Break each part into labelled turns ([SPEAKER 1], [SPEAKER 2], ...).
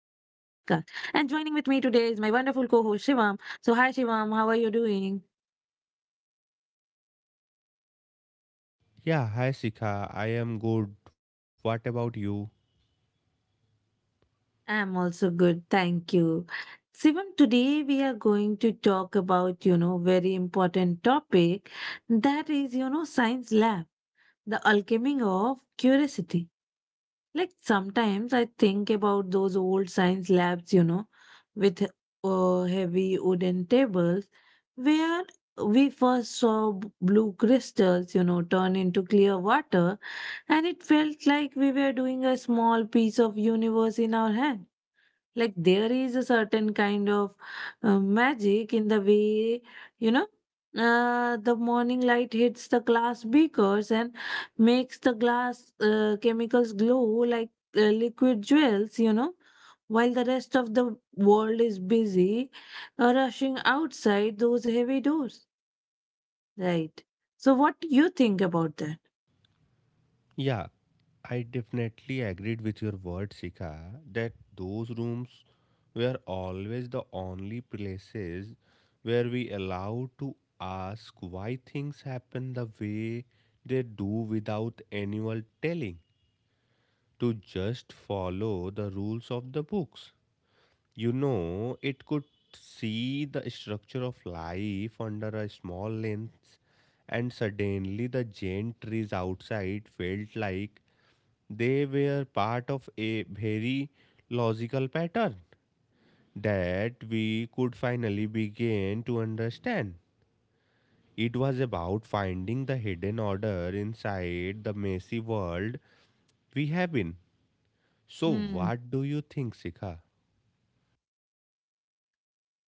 [SPEAKER 1] with me today is my wonderful co host, Shivam. So, hi, Shivam, how are you doing?
[SPEAKER 2] Yeah, hi Sika. I am good. What about you?
[SPEAKER 1] I'm also good, thank you. Shivam, today we are going to talk about, very important topic that is, science lab, the alchemy of curiosity. Like sometimes I think about those old science labs, you know, with heavy wooden tables where we first saw blue crystals, you know, turn into clear water, and it felt like we were doing a small piece of universe in our hand. Like there is a certain kind of magic in the way, you know, the morning light hits the glass beakers and makes the glass chemicals glow like liquid jewels, you know. While the rest of the world is busy rushing outside those heavy doors, right? So, what do you think about that?
[SPEAKER 2] Yeah, I definitely agreed with your word, Sika, that those rooms were always the only places where we allowed to ask why things happen the way they do without anyone telling, to just follow the rules of the books. You know, it could see the structure of life under a small lens, and suddenly the giant trees outside felt like they were part of a very logical pattern that we could finally begin to understand. It was about finding the hidden order inside the messy world we have been. So,
[SPEAKER 1] Hmm.
[SPEAKER 2] what do you think, Sika?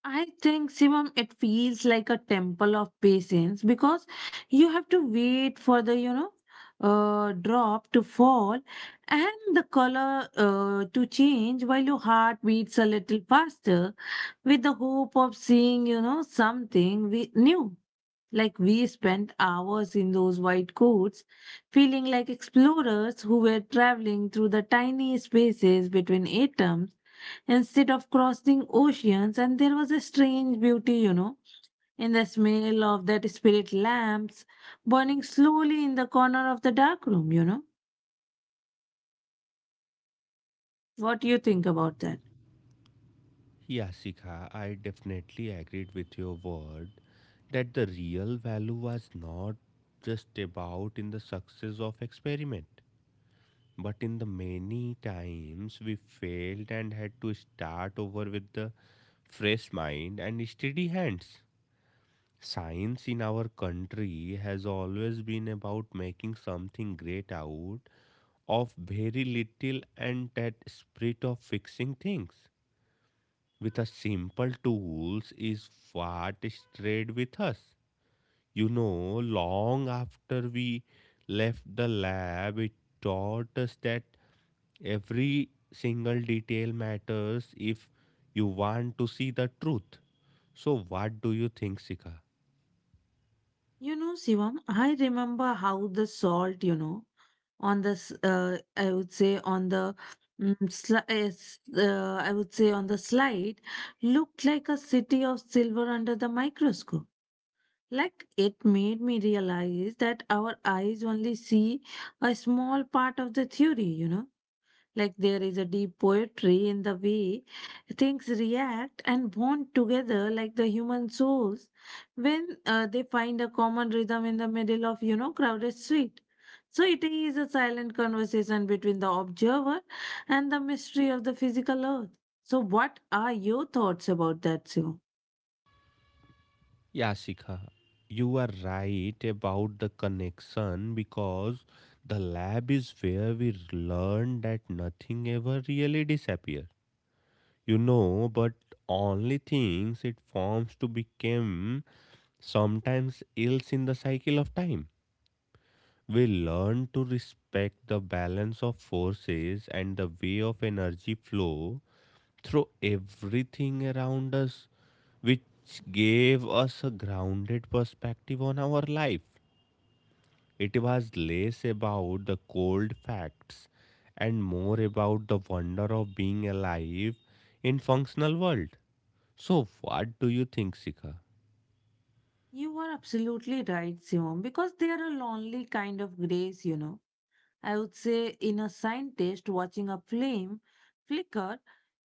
[SPEAKER 1] I think, Shivam, it feels like a temple of patience because you have to wait for the, you know, drop to fall and the color to change while your heart beats a little faster with the hope of seeing, you know, something we new. Like we spent hours in those white coats, feeling like explorers who were traveling through the tiny spaces between atoms instead of crossing oceans, and there was a strange beauty, you know, in the smell of that spirit lamps burning slowly in the corner of the dark room, you know. What do you think about that?
[SPEAKER 2] Yeah, Sikha, I definitely agreed with your word that the real value was not just about in the success of experiment, but in the many times we failed and had to start over with the fresh mind and steady hands. Science in our country has always been about making something great out of very little and that spirit of fixing things with a simple tools is what stayed with us. You know, long after we left the lab, it taught us that every single detail matters if you want to see the truth. So, what do you think, Sika?
[SPEAKER 1] You know, Shivam, I remember how the salt, you know, on I would say on the, mm, sli- s- I would say on the slide, looked like a city of silver under the microscope. Like it made me realize that our eyes only see a small part of the theory, you know. Like there is a deep poetry in the way things react and bond together, like the human souls, when they find a common rhythm in the middle of, you know, crowded street. So it is a silent conversation between the observer and the mystery of the physical earth. So, what are your thoughts about that, Shivam?
[SPEAKER 2] Yeah, Sika, you are right about the connection because the lab is where we learn that nothing ever really disappears. You know, but only things it forms to become sometimes ills in the cycle of time. We learn to respect the balance of forces and the way of energy flow through everything around us, which gave us a grounded perspective on our life. It was less about the cold facts and more about the wonder of being alive in functional world. So, what do you think, Sika?
[SPEAKER 1] You are absolutely right, Siom, because they are a lonely kind of grace, you know. I would say in a scientist watching a flame flicker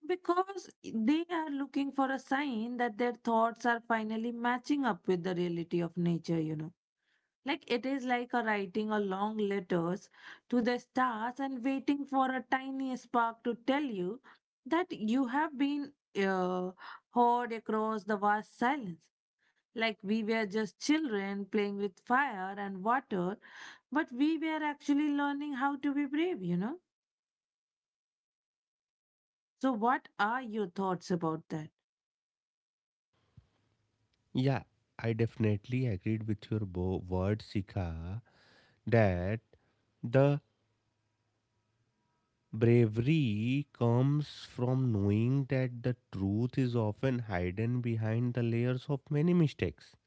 [SPEAKER 1] because they are looking for a sign that their thoughts are finally matching up with the reality of nature, you know. Like it is like a writing a long letters to the stars and waiting for a tiny spark to tell you that you have been uh, heard across the vast silence like we were just children playing with fire and water, but we were actually learning how to be brave, you know? So, what are your thoughts about that?
[SPEAKER 2] Yeah, I definitely agreed with your word, Sika, that the bravery comes from knowing that the truth is often hidden behind the layers of many mistakes,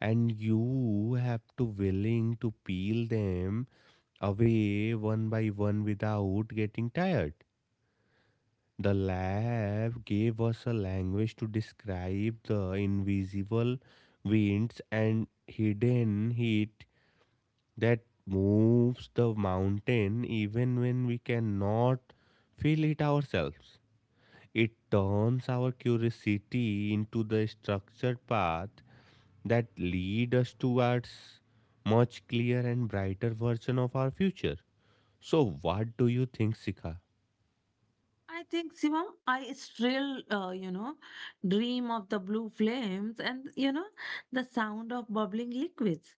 [SPEAKER 2] and you have to willing to peel them away one by one without getting tired. The lab gave us a language to describe the invisible winds and hidden heat that moves the mountain even when we cannot feel it ourselves. It turns our curiosity into the structured path that lead us towards much clearer and brighter version of our future. So what do you think, Sika?
[SPEAKER 1] I think, Siva, I still, you know, dream of the blue flames and, you know, the sound of bubbling liquids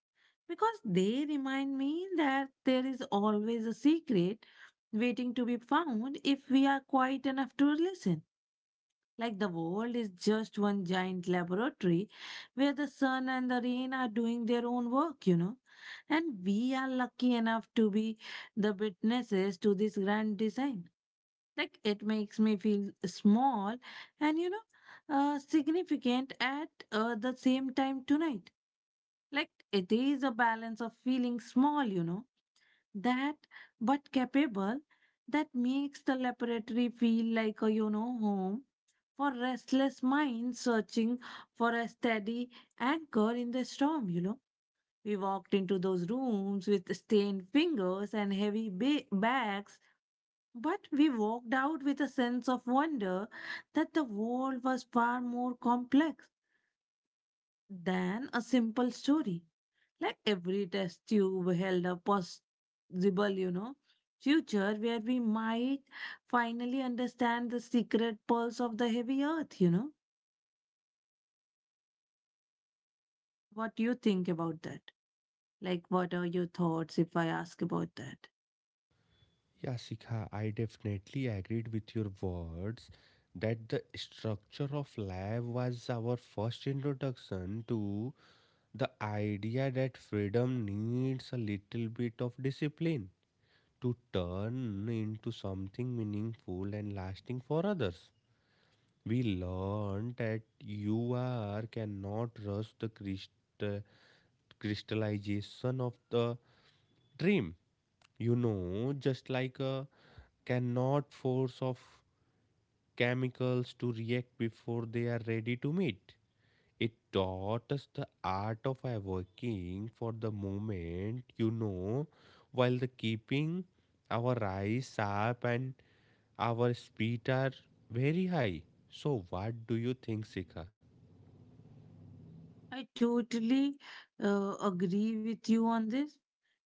[SPEAKER 1] because they remind me that there is always a secret waiting to be found if we are quiet enough to listen. Like the world is just one giant laboratory where the sun and the rain are doing their own work, you know. And we are lucky enough to be the witnesses to this grand design. Like it makes me feel small and, you know, significant at the same time tonight. Like it is a balance of feeling small, you know that but capable that makes the laboratory feel like a home for restless minds searching for a steady anchor in the storm, you know. We walked into those rooms with stained fingers and heavy bags, but we walked out with a sense of wonder that the world was far more complex than a simple story. Like every test tube held a possible, you know, future where we might finally understand the secret pulse of the heavy earth, you know. What do you think about that? Like, what are your thoughts if I ask about that?
[SPEAKER 2] Yeah, Sikha, I definitely agreed with your words that the structure of lab was our first introduction to the idea that freedom needs a little bit of discipline to turn into something meaningful and lasting for others. We learned that you are cannot rush the crystallization of the dream. You know, just like a cannot force of chemicals to react before they are ready to meet. It taught us the art of working for the moment, you know, while the keeping our eyes sharp and our speed are very high. So what do you think, Sika?
[SPEAKER 1] I totally agree with you on this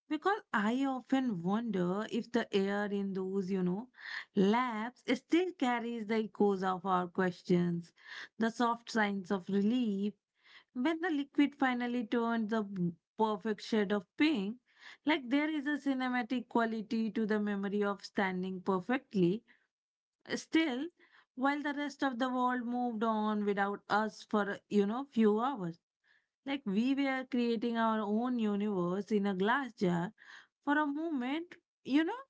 [SPEAKER 1] because I often wonder if the air in those, you know, labs still carries the echoes of our questions, the soft signs of relief. When the liquid finally turned the perfect shade of pink, like there is a cinematic quality to the memory of standing perfectly still, while the rest of the world moved on without us for, you know, few hours, like we were creating our own universe in a glass jar, for a moment, you know,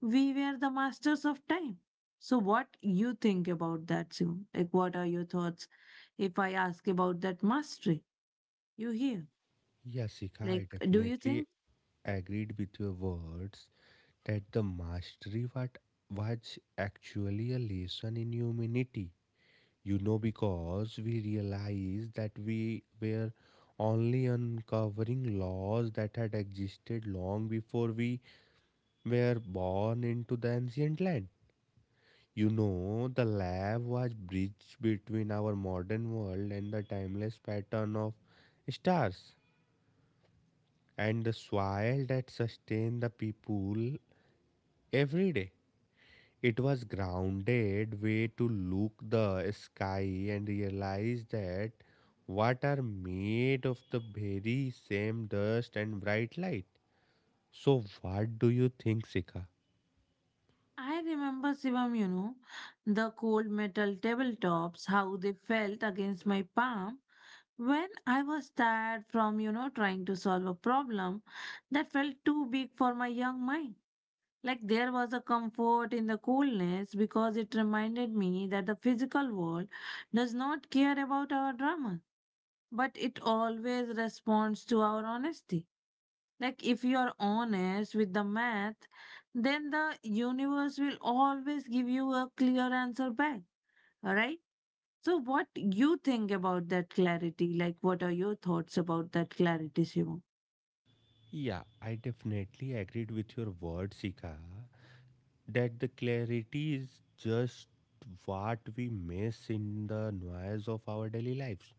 [SPEAKER 1] we were the masters of time. So what you think about that, Sim? Like, what are your thoughts if I ask about that mastery you hear?
[SPEAKER 2] Yeah, Sika,
[SPEAKER 1] Like,
[SPEAKER 2] I
[SPEAKER 1] do you
[SPEAKER 2] definitely
[SPEAKER 1] think
[SPEAKER 2] agreed with your words that the mastery what was actually a lesson in humanity. You know, because we realized that we were only uncovering laws that had existed long before we were born into the ancient land. You know, the lab was bridge between our modern world and the timeless pattern of stars and the soil that sustain the people every day. It was grounded way to look the sky and realize that what are made of the very same dust and bright light. So what do you think, Sika?
[SPEAKER 1] I remember Shivam, you know, the cold metal tabletops, how they felt against my palm when I was tired from, you know, trying to solve a problem that felt too big for my young mind. Like there was a comfort in the coolness because it reminded me that the physical world does not care about our drama, but it always responds to our honesty. Like, if you are honest with the math, then the universe will always give you a clear answer back. All right. So, what you think about that clarity? Like, what are your thoughts about that clarity, Shivam?
[SPEAKER 2] Yeah, I definitely agreed with your word, Sika, that the clarity is just what we miss in the noise of our daily lives.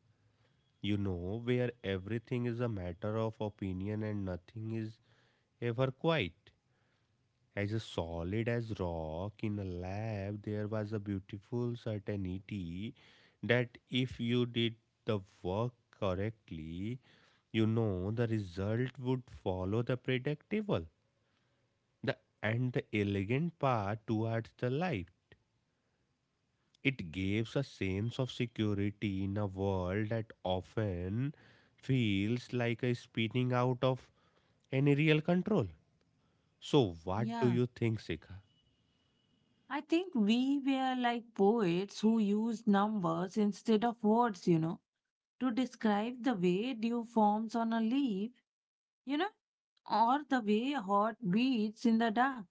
[SPEAKER 2] You know, where everything is a matter of opinion and nothing is ever quiet. As a solid as rock in a lab, there was a beautiful certainty that if you did the work correctly, you know the result would follow the predictable the, and the elegant path towards the light. It gives a sense of security in a world that often feels like a spinning out of any real control. So, what do
[SPEAKER 1] Yeah.
[SPEAKER 2] you think, Sika?
[SPEAKER 1] I think we were like poets who used numbers instead of words, you know, to describe the way dew forms on a leaf, you know, or the way heart beats in the dark.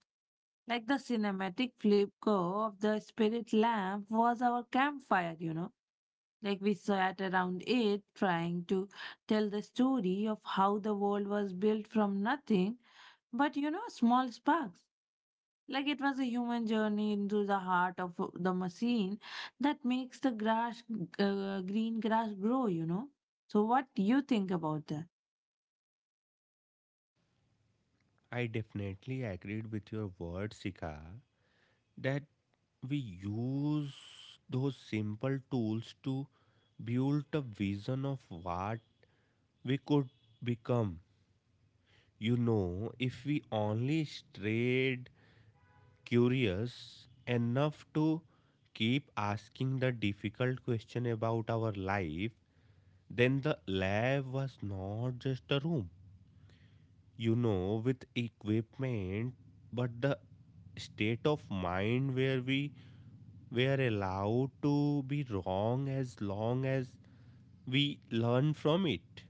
[SPEAKER 1] Like the cinematic flip go of the spirit lamp was our campfire, you know. Like we sat around it trying to tell the story of how the world was built from nothing, but you know, small sparks. Like it was a human journey into the heart of the machine that makes the grass, green grass grow, you know. So, what do you think about that?
[SPEAKER 2] I definitely agreed with your words, Sika, that we use those simple tools to build a vision of what we could become. You know, if we only stayed curious enough to keep asking the difficult question about our life, then the lab was not just a room. You know with equipment but the state of mind where we are allowed to be wrong as long as we learn from it.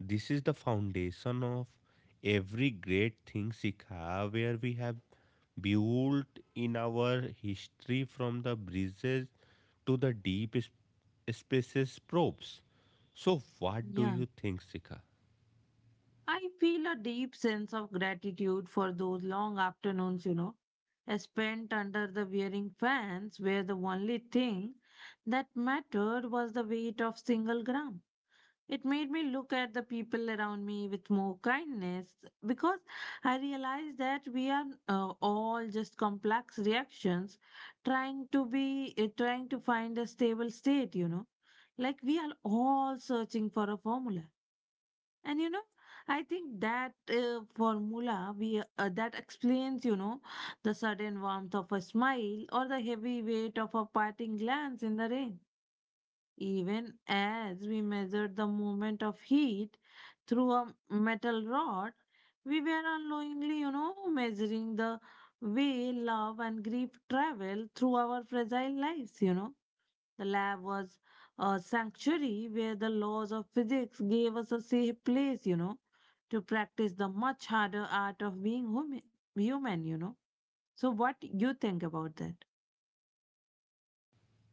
[SPEAKER 2] This is the foundation of every great thing, Sikha, where we have built in our history from the breezes to the deep spaces probes. So what do
[SPEAKER 1] Yeah.
[SPEAKER 2] you think, Sikha?
[SPEAKER 1] I feel a deep sense of gratitude for those long afternoons, you know, I spent under the wearing fans where the only thing that mattered was the weight of single gram. It made me look at the people around me with more kindness because I realized that we are all just complex reactions trying to find a stable state, you know. Like we are all searching for a formula and you know, I think that formula we that explains, you know, the sudden warmth of a smile or the heavy weight of a parting glance in the rain. Even as we measured the movement of heat through a metal rod, we were unknowingly, you know, measuring the way love and grief travel through our fragile lives, you know. The lab was a sanctuary where the laws of physics gave us a safe place, you know, to practice the much harder art of being human, human you know. So what you think about that?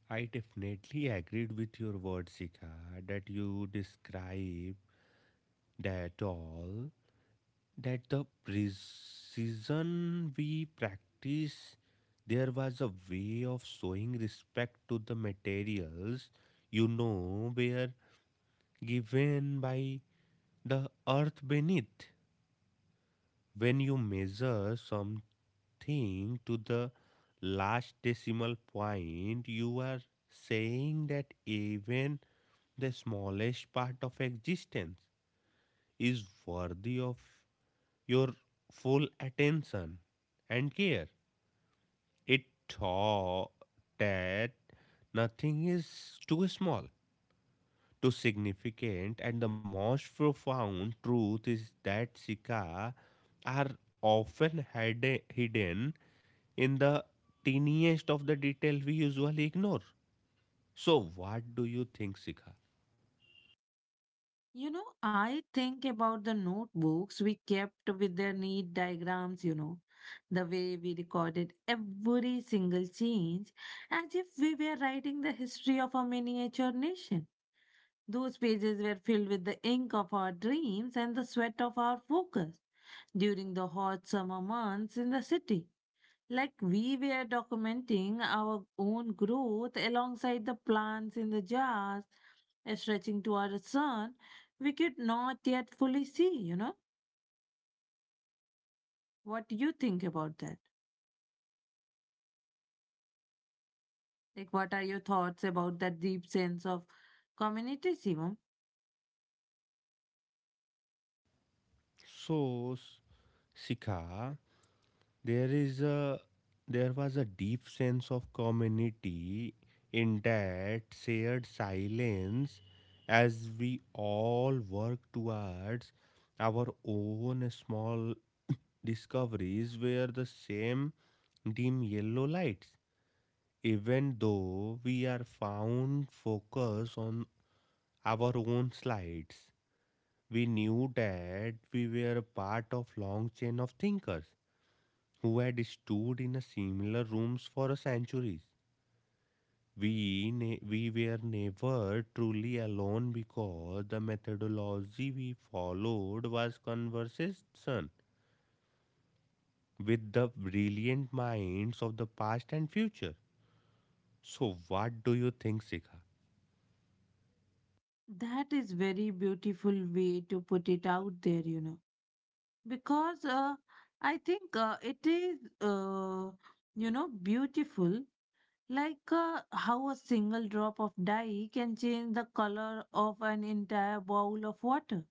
[SPEAKER 2] I definitely agreed with your words, Sika, that you describe that all, that the precision we practice, there was a way of showing respect to the materials, you know, were given by the earth beneath. When you measure something to the last decimal point, you are saying that even the smallest part of existence is worthy of your full attention and care. It thought that nothing is too small, to significant and the most profound truth is that Sika are often hidden in the tiniest of the detail we usually ignore. So what do you think, Sika?
[SPEAKER 1] You know, I think about the notebooks we kept with their neat diagrams, you know, the way we recorded every single change as if we were writing the history of a miniature nation. Those pages were filled with the ink of our dreams and the sweat of our focus. During the hot summer months in the city. Like we were documenting our own growth alongside the plants in the jars stretching toward the sun, we could not yet fully see, you know. What do you think about that? Like, what are your thoughts about that deep sense of community, Simon?
[SPEAKER 2] So, Sika, there is a there was a deep sense of community in that shared silence as we all work towards our own small discoveries were the same dim yellow lights, even though we are found focus on our own slides. We knew that we were a part of long chain of thinkers who had stood in a similar rooms for centuries. We were never truly alone because the methodology we followed was conversation with the brilliant minds of the past and future. So, what do you think, Sika?
[SPEAKER 1] That is very beautiful way to put it out there, you know. Because I think it is, you know, beautiful. Like how a single drop of dye can change the color of an entire bowl of water.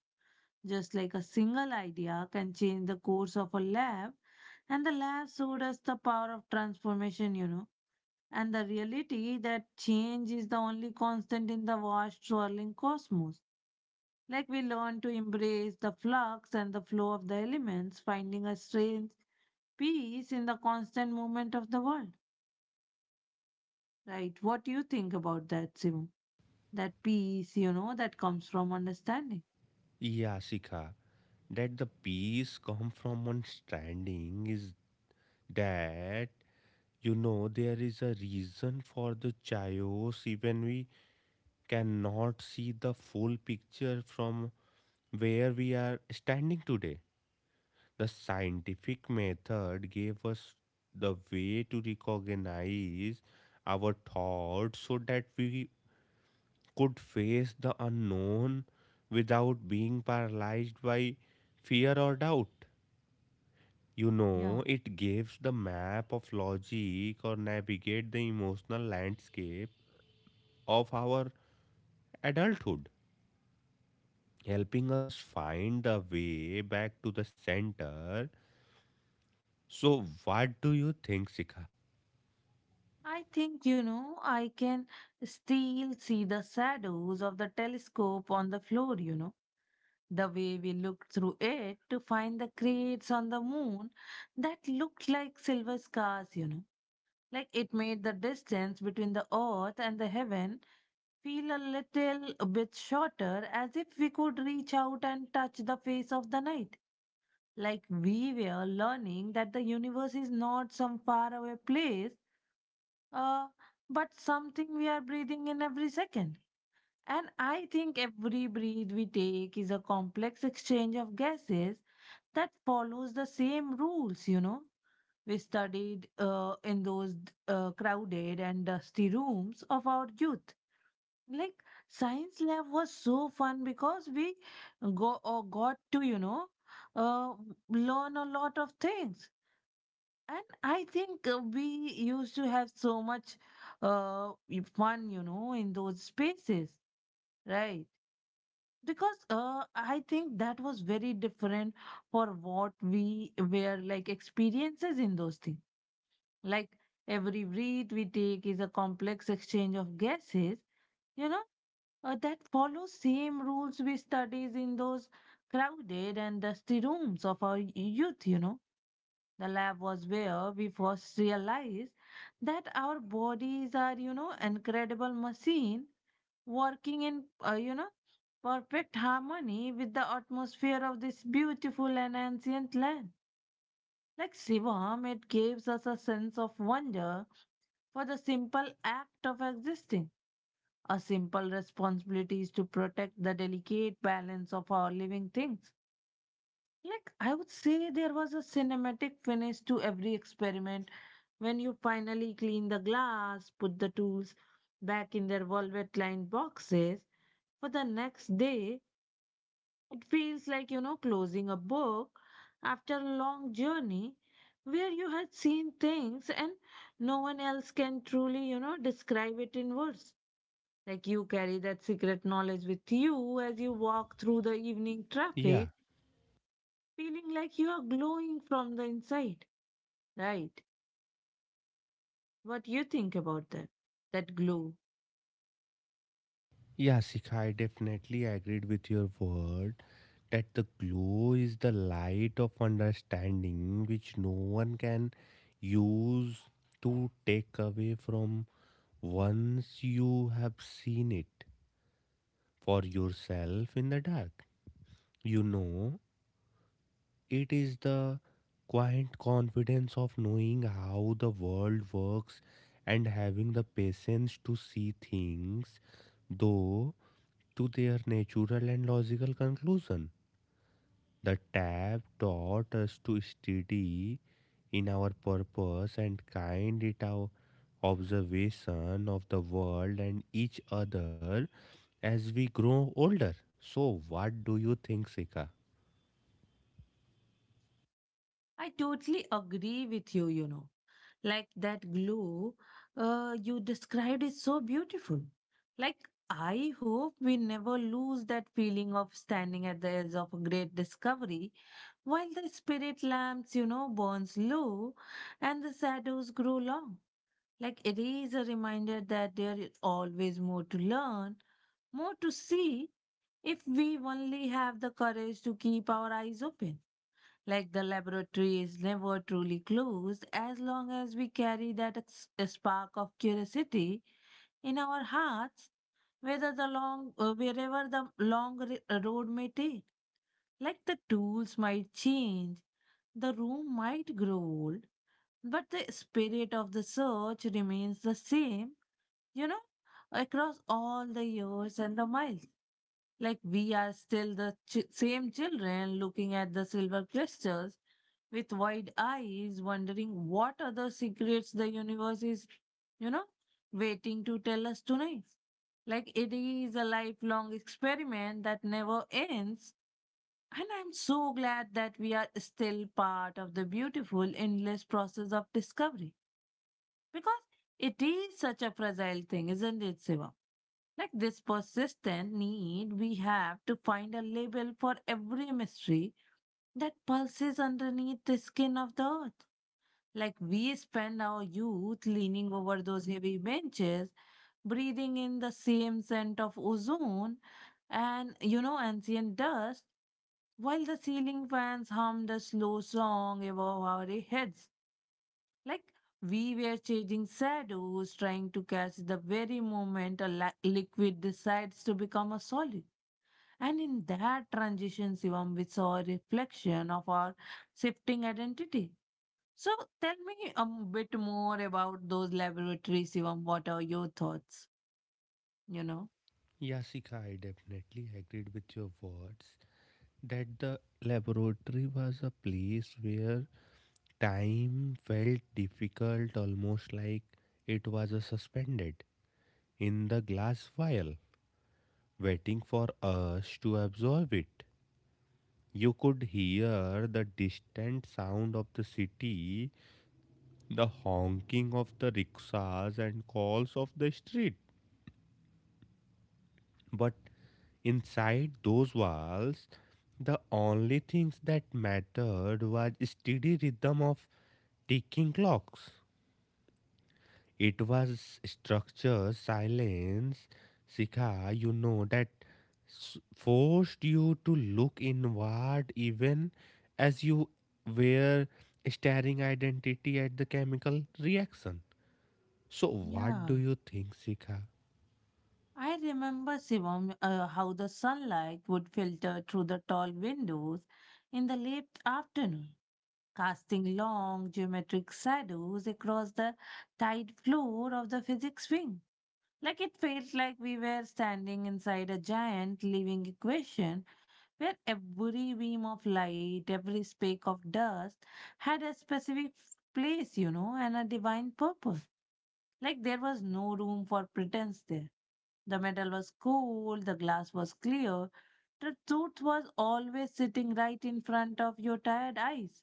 [SPEAKER 1] Just like a single idea can change the course of a lab, and the lab showed us the power of transformation, you know, and the reality that change is the only constant in the vast swirling cosmos. Like we learn to embrace the flux and the flow of the elements, finding a strange peace in the constant movement of the world. Right. What do you think about that, Simu? That peace, you know, that comes from understanding.
[SPEAKER 2] Yeah, Sika, that the peace come from understanding is that you know there is a reason for the chaos even we cannot see the full picture from where we are standing today. The scientific method gave us the way to recognize our thoughts so that we could face the unknown without being paralyzed by fear or doubt. You
[SPEAKER 1] Yeah.
[SPEAKER 2] know, it gives the map of logic or navigate the emotional landscape of our adulthood, helping us find the way back to the center. So, what do you think, Sika?
[SPEAKER 1] I think, you know, I can still see the shadows of the telescope on the floor, you know. The way we looked through it to find the crates on the moon that looked like silver scars, you know. Like it made the distance between the earth and the heaven feel a little bit shorter, as if we could reach out and touch the face of the night. Like we were learning that the universe is not some faraway place, uh, but something we are breathing in every second. And I think every breath we take is a complex exchange of gases that follows the same rules, you know. We studied in those crowded and dusty rooms of our youth. Like science lab was so fun because we go or got to, you know, uh, learn a lot of things. And I think we used to have so much fun, you know, in those spaces, right? Because I think that was very different for what we were like experiences in those things. Like every breath we take is a complex exchange of gases, you know, that follow same rules we studies in those crowded and dusty rooms of our youth, you know. The lab was where we first realized that our bodies are, you know, incredible machine working in, you know, perfect harmony with the atmosphere of this beautiful and ancient land. Like Shivam, it gives us a sense of wonder for the simple act of existing. Our simple responsibility is to protect the delicate balance of our living things. Like, I would say there was a cinematic finish to every experiment. When you finally clean the glass, put the tools back in their velvet lined boxes for the next day, it feels like, you know, closing a book after a long journey where you had seen things and no one else can truly, you know, describe it in words. Like you carry that secret knowledge with you as you walk through the evening
[SPEAKER 2] Yeah,
[SPEAKER 1] traffic, feeling like you are glowing from the inside. Right. What you think about that? That glow.
[SPEAKER 2] Yeah, Sikha, I definitely agreed with your word that the glow is the light of understanding which no one can use to take away from once you have seen it for yourself in the dark. You know, it is the quiet confidence of knowing how the world works and having the patience to see things, though to their natural and logical conclusion. The tab taught us to steady in our purpose and kind in our observation of the world and each other as we grow older. So, what do you think, Sika?
[SPEAKER 1] I totally agree with you, you know. Like that glow you described is so beautiful. Like, I hope we never lose that feeling of standing at the edge of a great discovery while the spirit lamps, you know, burns low and the shadows grow long. Like, it is a reminder that there is always more to learn, more to see if we only have the courage to keep our eyes open. Like the laboratory is never truly closed as long as we carry that spark of curiosity in our hearts, whether the long, wherever the long road may take. Like the tools might change, the room might grow old, but the spirit of the search remains the same, you know, across all the years and the miles. Like we are still the same children looking at the silver crystals with wide eyes, wondering what other secrets the universe is, you know, waiting to tell us tonight. Like it is a lifelong experiment that never ends. And I'm so glad that we are still part of the beautiful, endless process of discovery. Because it is such a fragile thing, isn't it, Siva? Like this persistent need, we have to find a label for every mystery that pulses underneath the skin of the earth. Like we spend our youth leaning over those heavy benches, breathing in the same scent of ozone and, you know, ancient dust, while the ceiling fans hum the slow song above our heads. Like we were changing shadows, trying to catch the very moment a liquid decides to become a solid. And in that transition, Shivam, we saw a reflection of our shifting identity. So tell me a bit more about those laboratories, Shivam. What are your thoughts? You know?
[SPEAKER 2] Yeah, Sika, I definitely agreed with your words that the laboratory was a place where time felt difficult, almost like it was a suspended. In the glass vial, waiting for us to absorb it. You could hear the distant sound of the city, the honking of the rickshaws and calls of the street. But inside those walls, the only things that mattered was steady rhythm of ticking clocks. It was structure, silence, Sikha, you know, that forced you to look inward even as you were staring identity at the chemical reaction. So, what do
[SPEAKER 1] Yeah.
[SPEAKER 2] you think, Sikha?
[SPEAKER 1] I remember, Shivam, how the sunlight would filter through the tall windows in the late afternoon, casting long geometric shadows across the tight floor of the physics wing. Like it felt like we were standing inside a giant living equation where every beam of light, every speck of dust had a specific place, you know, and a divine purpose. Like there was no room for pretense there. The metal was cool, the glass was clear, the truth was always sitting right in front of your tired eyes.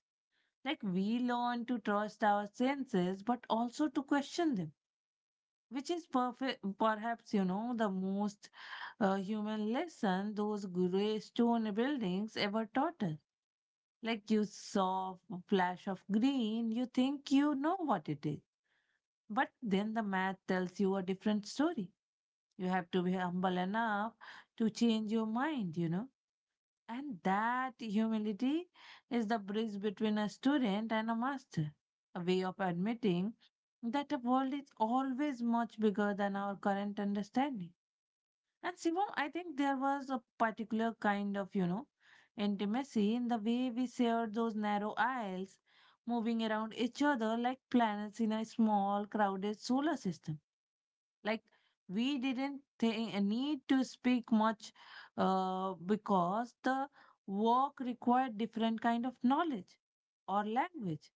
[SPEAKER 1] Like we learn to trust our senses, but also to question them, which is perfect, perhaps, you know, the most human lesson those gray stone buildings ever taught us. Like you saw a flash of green, you think you know what it is, but then the math tells you a different story. You have to be humble enough to change your mind, you know. And that humility is the bridge between a student and a master, a way of admitting that the world is always much bigger than our current understanding. And Sivam, I think there was a particular kind of, you know, intimacy in the way we shared those narrow aisles, moving around each other like planets in a small, crowded solar system. Like we didn't need to speak much, because the work required different kind of knowledge or language,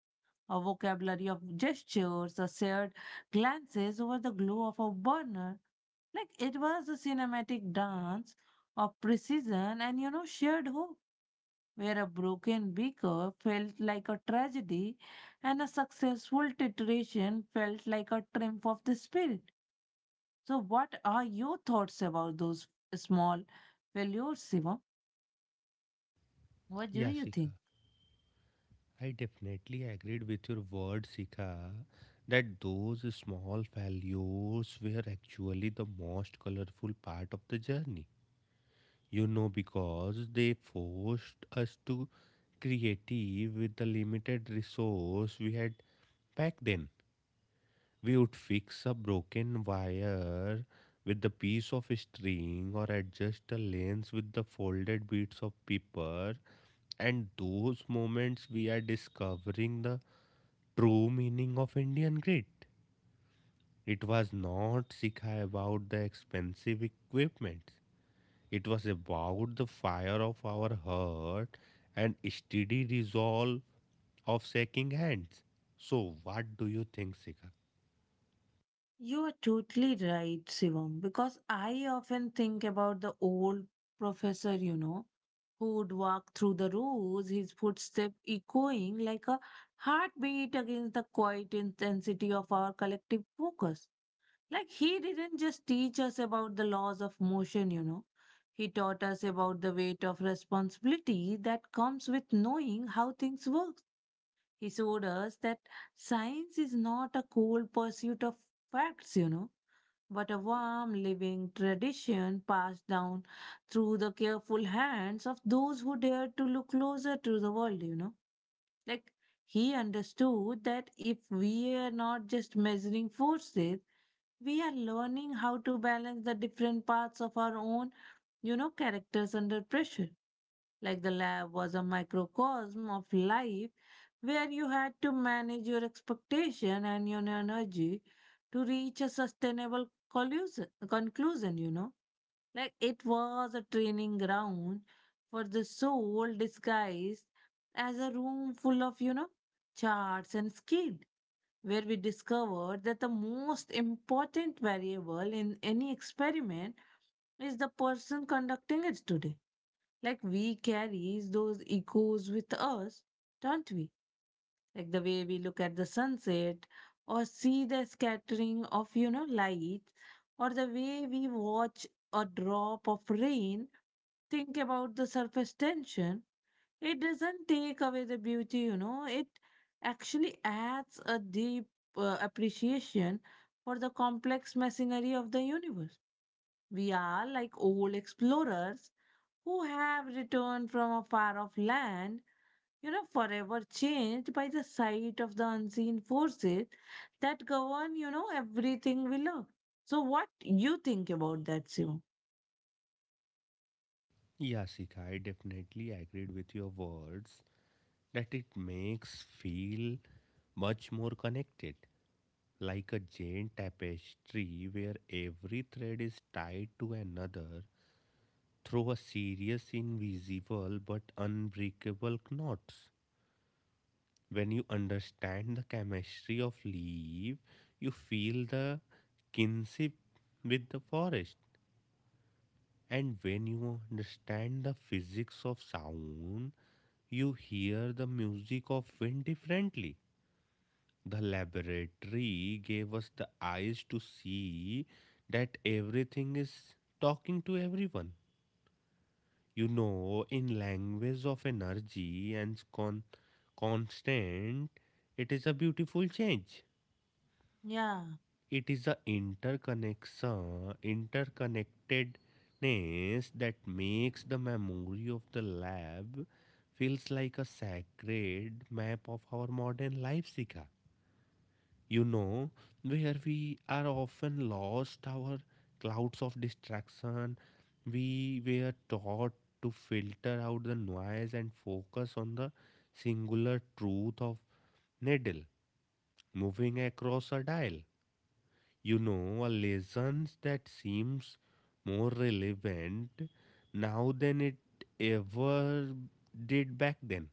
[SPEAKER 1] a vocabulary of gestures, a shared glances over the glow of a burner. Like it was a cinematic dance of precision and, you know, shared hope, where a broken beaker felt like a tragedy and a successful titration felt like a triumph of the spirit. So, what are your thoughts about those small failures, Shivam? What do
[SPEAKER 2] Yeah,
[SPEAKER 1] you
[SPEAKER 2] Sikha,
[SPEAKER 1] think?
[SPEAKER 2] I definitely agreed with your word, Sikha, that those small failures were actually the most colorful part of the journey. You know, because they forced us to creative with the limited resource we had back then. We would fix a broken wire with the piece of string or adjust a lens with the folded bits of paper. And those moments we are discovering the true meaning of Indian grit. It was not Sikha about the expensive equipment. It was about the fire of our heart and steady resolve of shaking hands. So, what do you think, Sika?
[SPEAKER 1] You are totally right, Shivam, because I often think about the old professor, you know, who would walk through the rows, his footstep echoing like a heartbeat against the quiet intensity of our collective focus. Like he didn't just teach us about the laws of motion, you know. He taught us about the weight of responsibility that comes with knowing how things work. He showed us that science is not a cold pursuit of facts, you know, but a warm, living tradition passed down through the careful hands of those who dared to look closer to the world, you know. Like, he understood that if we are not just measuring forces, we are learning how to balance the different parts of our own, you know, characters under pressure. Like the lab was a microcosm of life where you had to manage your expectation and your energy to reach a sustainable collusion, conclusion, you know. Like it was a training ground for the soul disguised as a room full of, you know, charts and scale, where we discovered that the most important variable in any experiment is the person conducting it today. Like we carry those echoes with us, don't we? Like the way we look at the sunset or see the scattering of, you know, lights or the way we watch a drop of rain, think about the surface tension. It doesn't take away the beauty, you know, it actually adds a deep appreciation for the complex machinery of the universe. We are like old explorers who have returned from a far off land, you know, forever changed by the sight of the unseen forces that govern, you know, everything we love. So, what you think about that, Shivam?
[SPEAKER 2] Yeah, Sika, I definitely agreed with your words that it makes feel much more connected, like a giant tapestry where every thread is tied to another through a serious, invisible but unbreakable knots. When you understand the chemistry of leaf, you feel the kinship with the forest. And when you understand the physics of sound, you hear the music of wind differently. The laboratory gave us the eyes to see that everything is talking to everyone. You know, in language of energy and constant, it is a beautiful change.
[SPEAKER 1] Yeah,
[SPEAKER 2] It is the interconnectedness that makes the memory of the lab feels like a sacred map of our modern life, Sika. You know, where we are often lost our clouds of distraction, we were taught to filter out the noise and focus on the singular truth of needle moving across a dial. You know, a lessons that seems more relevant now than it ever did back then.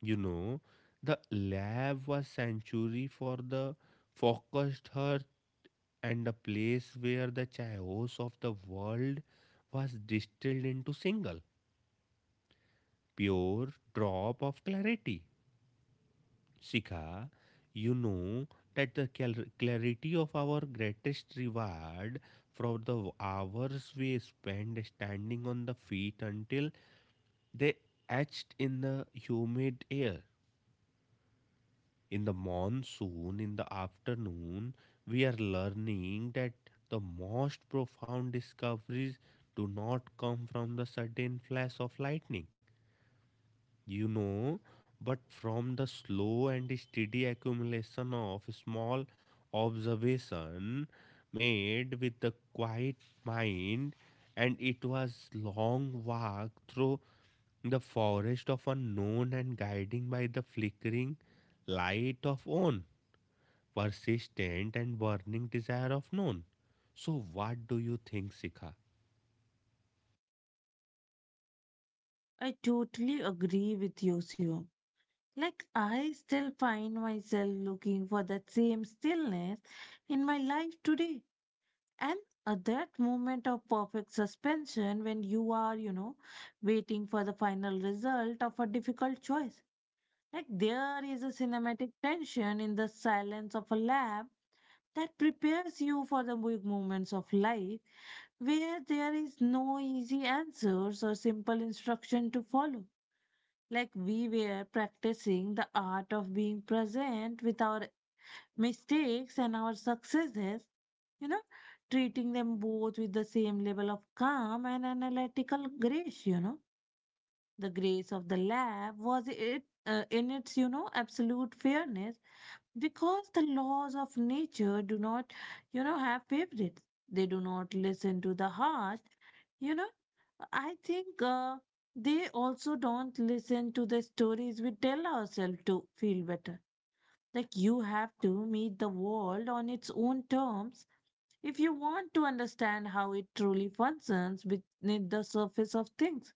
[SPEAKER 2] You know, the lab was sanctuary for the focused heart and a place where the chaos of the world was distilled into single pure drop of clarity Shikha, you know that the clarity of our greatest reward from the hours we spend standing on the feet until they etched in the humid air. In the monsoon, in the afternoon, we are learning that the most profound discoveries do not come from the sudden flash of lightning. You know, but from the slow and steady accumulation of small observation made with the quiet mind, and it was long walk through the forest of unknown and guiding by the flickering light of own persistent and burning desire of known. So what do you think, Sikha?
[SPEAKER 1] I totally agree with you, Shivam. Like, I still find myself looking for that same stillness in my life today. And that moment of perfect suspension when you are, you know, waiting for the final result of a difficult choice. Like there is a cinematic tension in the silence of a lab that prepares you for the big moments of life where there is no easy answers or simple instruction to follow. Like we were practicing the art of being present with our mistakes and our successes, you know, treating them both with the same level of calm and analytical grace, you know. The grace of the lab was it in its, you know, absolute fairness because the laws of nature do not, you know, have favorites. They do not listen to the heart. You know, I think they also don't listen to the stories we tell ourselves to feel better. Like you have to meet the world on its own terms if you want to understand how it truly functions beneath the surface of things.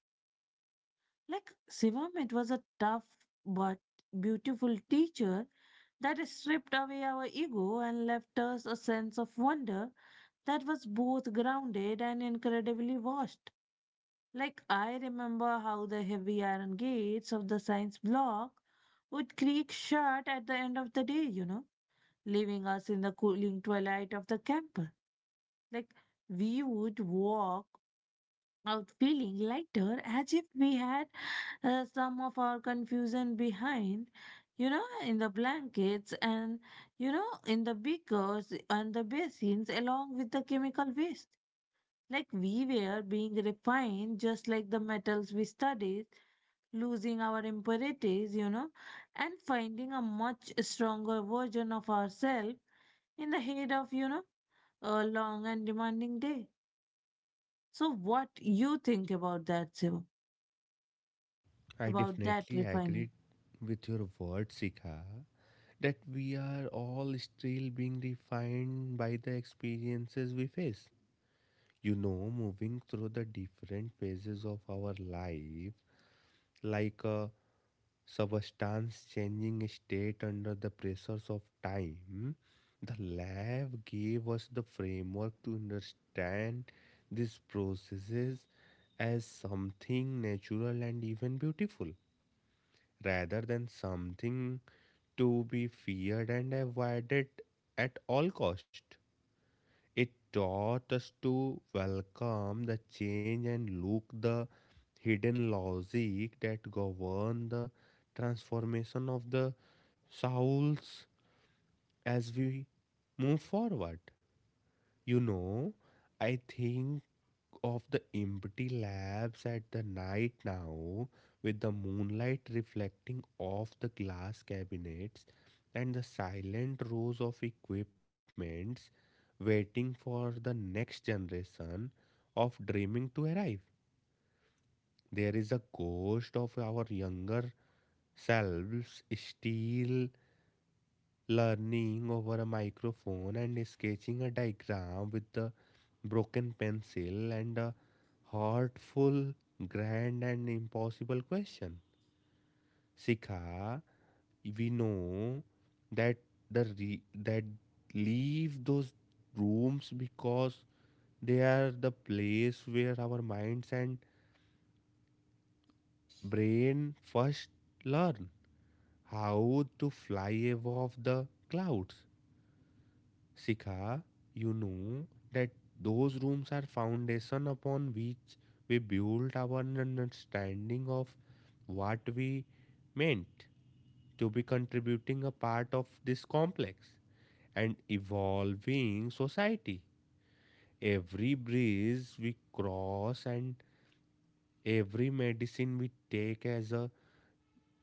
[SPEAKER 1] Like Shivam, it was a tough but beautiful teacher that stripped away our ego and left us a sense of wonder that was both grounded and incredibly vast. Like I remember how the heavy iron gates of the science block would creak shut at the end of the day, you know, leaving us in the cooling twilight of the camper. Like we would walk out feeling lighter as if we had some of our confusion behind, you know, in the blankets and, you know, in the beakers and the basins along with the chemical waste. Like we were being refined just like the metals we studied, losing our impurities, you know, and finding a much stronger version of ourselves in the head of, you know, a long and demanding day. So what you think about that, Shiva?
[SPEAKER 2] I
[SPEAKER 1] About that
[SPEAKER 2] definitely
[SPEAKER 1] refining.
[SPEAKER 2] agreed with your word, Sikha, that we are all still being defined by the experiences we face. You know, moving through the different phases of our life, like a substance changing state under the pressures of time, the lab gave us the framework to understand these processes as something natural and even beautiful rather than something to be feared and avoided at all cost. It taught us to welcome the change and look the hidden logic that govern the transformation of the souls as we move forward. You know, I think of the empty labs at the night now, with the moonlight reflecting off the glass cabinets and the silent rows of equipments waiting for the next generation of dreaming to arrive. There is a ghost of our younger selves still learning over a microphone and sketching a diagram with the broken pencil and a heartful, grand, and impossible question. Sikha, we know that that leave those rooms because they are the place where our minds and brain first learn how to fly above the clouds. Sika, you know that those rooms are foundation upon which we build our understanding of what we meant to be contributing a part of this complex and evolving society. Every breeze we cross and every medicine we take as a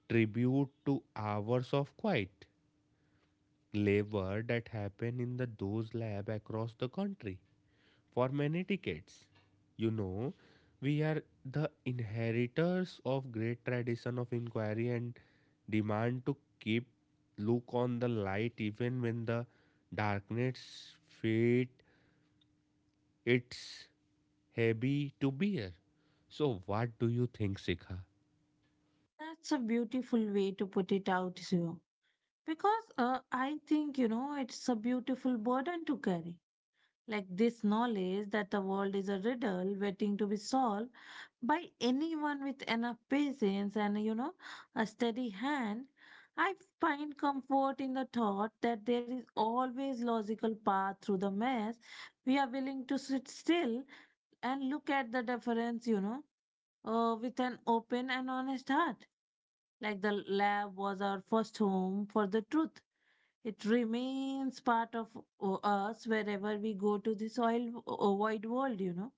[SPEAKER 2] tribute to hours of quiet labor that happen in the those lab across the country for many decades, you know, we are the inheritors of great tradition of inquiry and demand to keep look on the light even when the darkness fate it's heavy to bear. So what do you think, Sikha?
[SPEAKER 1] That's a beautiful way to put it out, Zio. Because I think, you know, it's a beautiful burden to carry. Like this knowledge that the world is a riddle waiting to be solved by anyone with enough patience and, you know, a steady hand. I find comfort in the thought that there is always logical path through the mess. We are willing to sit still and look at the difference, with an open and honest heart. Like the lab was our first home for the truth. It remains part of us wherever we go to the soil wide world,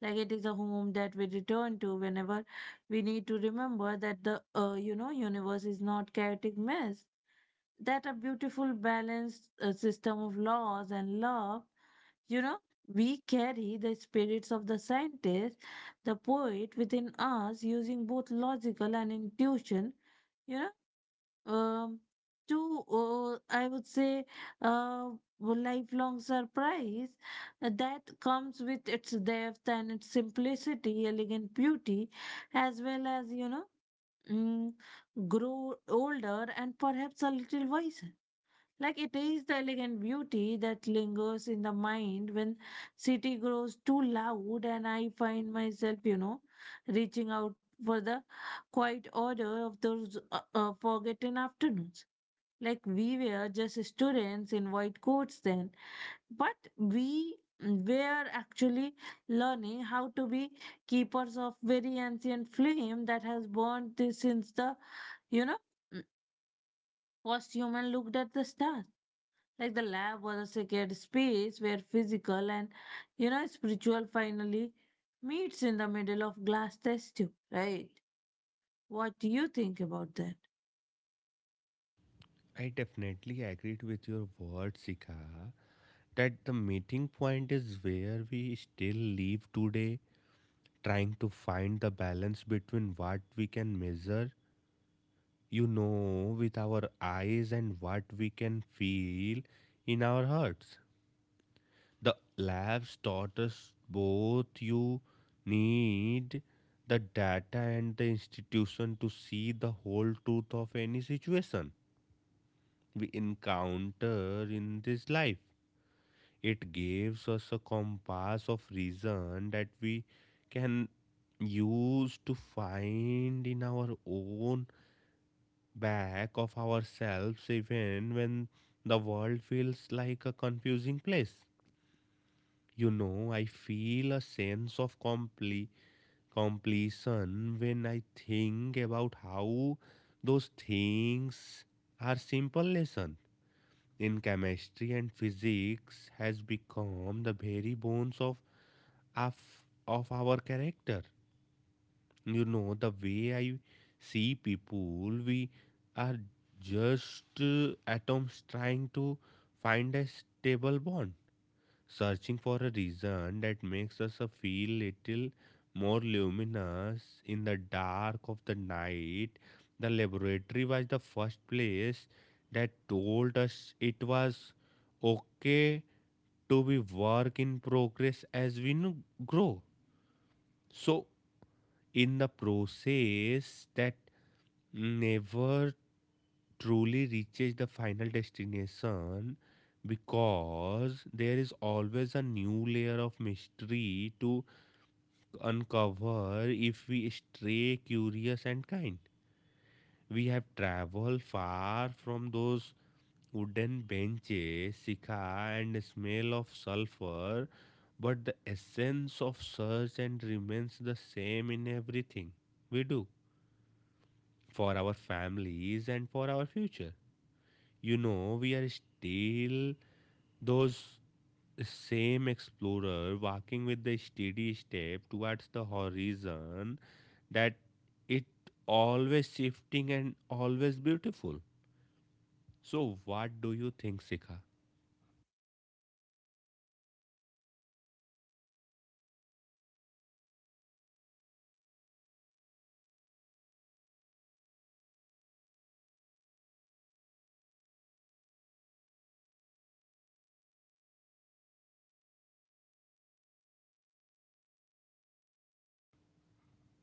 [SPEAKER 1] Like it is a home that we return to whenever we need to remember that the universe is not chaotic mess. That a beautiful balanced system of laws and love, you know, we carry the spirits of the scientist, the poet within us using both logical and intuition you know um, to I would say uh, lifelong surprise that comes with its depth and its simplicity, elegant beauty, as well as mm, grow older and perhaps a little wiser. Like it is the elegant beauty that lingers in the mind when city grows too loud, and I find myself, reaching out for the quiet order of those forgotten afternoons. Like we were just students in white coats then, but we were actually learning how to be keepers of very ancient flame that has burned since the, you know, first human looked at the stars. Like the lab was a sacred space where physical and, spiritual finally meets in the middle of glass test tube, right? What do you think about that?
[SPEAKER 2] I definitely agreed with your word, Sikha, that the meeting point is where we still live today, trying to find the balance between what we can measure, you know, with our eyes and what we can feel in our hearts. The labs taught us both you need the data and the institution to see the whole truth of any situation we encounter in this life. It gives us a compass of reason that we can use to find in our own back of ourselves even when the world feels like a confusing place. You know, I feel a sense of completion when I think about how those things are simple lessons in chemistry and physics has become the very bones of, of our character. You know the way I see people, we are just atoms trying to find a stable bond searching for a reason that makes us feel little more luminous in the dark of the night. The laboratory was the first place that told us it was okay to be work in progress as we grow, so in the process that never truly reaches the final destination because there is always a new layer of mystery to uncover if we stay curious and kind. We have traveled far from those wooden benches, sikha, and smell of sulfur, but the essence of search and remains the same in everything we do for our families and for our future. You know, we are still those same explorer walking with the steady step towards the horizon that it always shifting and always beautiful. So what do you think, Sikha?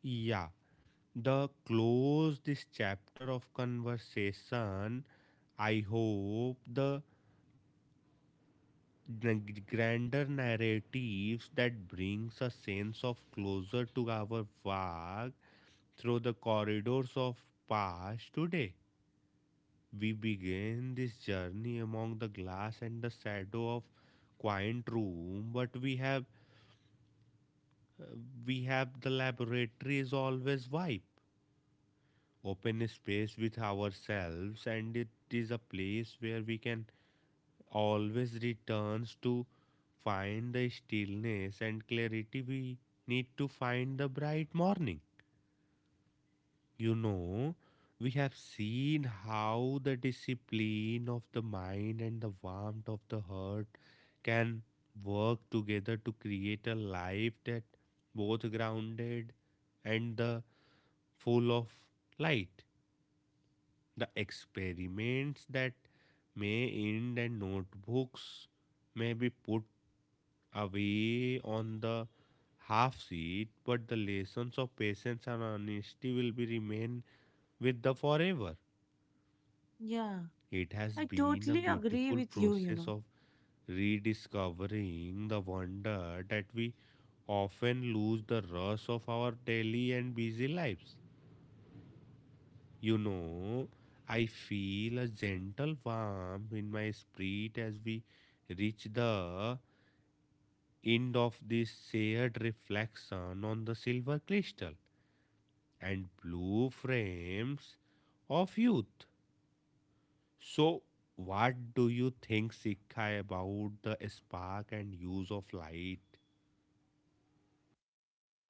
[SPEAKER 2] Yeah, the close this chapter of conversation. I hope the grander narratives that brings a sense of closure to our work through the corridors of past today. We begin this journey among the glass and the shadow of quiet room, but uh, we have the laboratory is always vibe, open space with ourselves, and it is a place where we can always returns to find the stillness and clarity we need to find the bright morning. You know, we have seen how the discipline of the mind and the warmth of the heart can work together to create a life that both grounded and the full of light. The experiments that may end and notebooks may be put away on the half seat, but the lessons of patience and honesty will be remain with the forever.
[SPEAKER 1] Yeah,
[SPEAKER 2] It has
[SPEAKER 1] I
[SPEAKER 2] been a
[SPEAKER 1] totally agree
[SPEAKER 2] beautiful
[SPEAKER 1] with you, you
[SPEAKER 2] process
[SPEAKER 1] know.
[SPEAKER 2] of rediscovering the wonder that we often lose the rush of our daily and busy lives. You know, I feel a gentle warmth in my spirit as we reach the end of this shared reflection on the silver crystal and blue frames of youth. So, what do you think, Sikha, about the spark and use of light?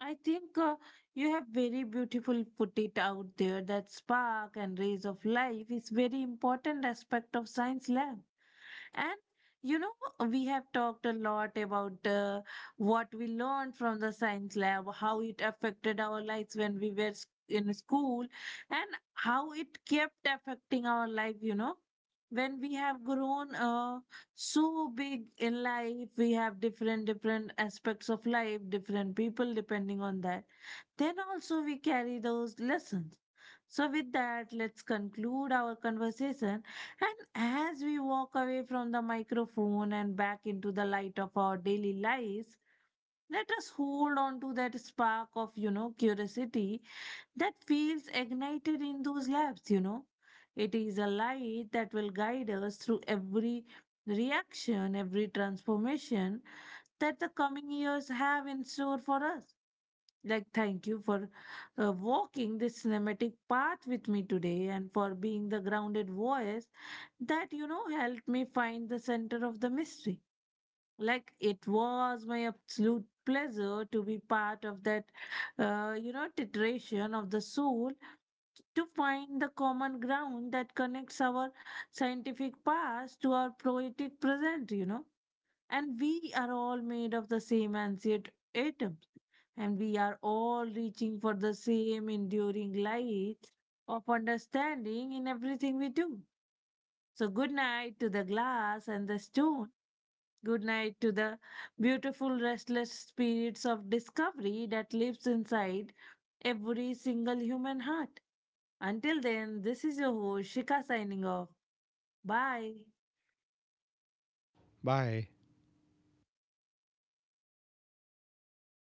[SPEAKER 1] I think you have very beautiful put it out there that spark and rays of life is very important aspect of science lab. And you know, we have talked a lot about what we learned from the science lab, how it affected our lives when we were in school, and how it kept affecting our life, When we have grown so big in life, we have different different aspects of life, different people depending on that. Then also we carry those lessons. So with that, let's conclude our conversation, and as we walk away from the microphone and back into the light of our daily lives, let us hold on to that spark of, curiosity that feels ignited in those labs, It is a light that will guide us through every reaction, every transformation that the coming years have in store for us. Like, thank you for walking this cinematic path with me today, and for being the grounded voice that you know helped me find the center of the mystery. Like it was my absolute pleasure to be part of that titration of the soul, to find the common ground that connects our scientific past to our poetic present. And we are all made of the same ancient atoms, and we are all reaching for the same enduring light of understanding in everything we do. So good night to the glass and the stone. Good night to the beautiful restless spirits of discovery that lives inside every single human heart. Until then, this is your host Shika signing off. Bye.
[SPEAKER 2] Bye.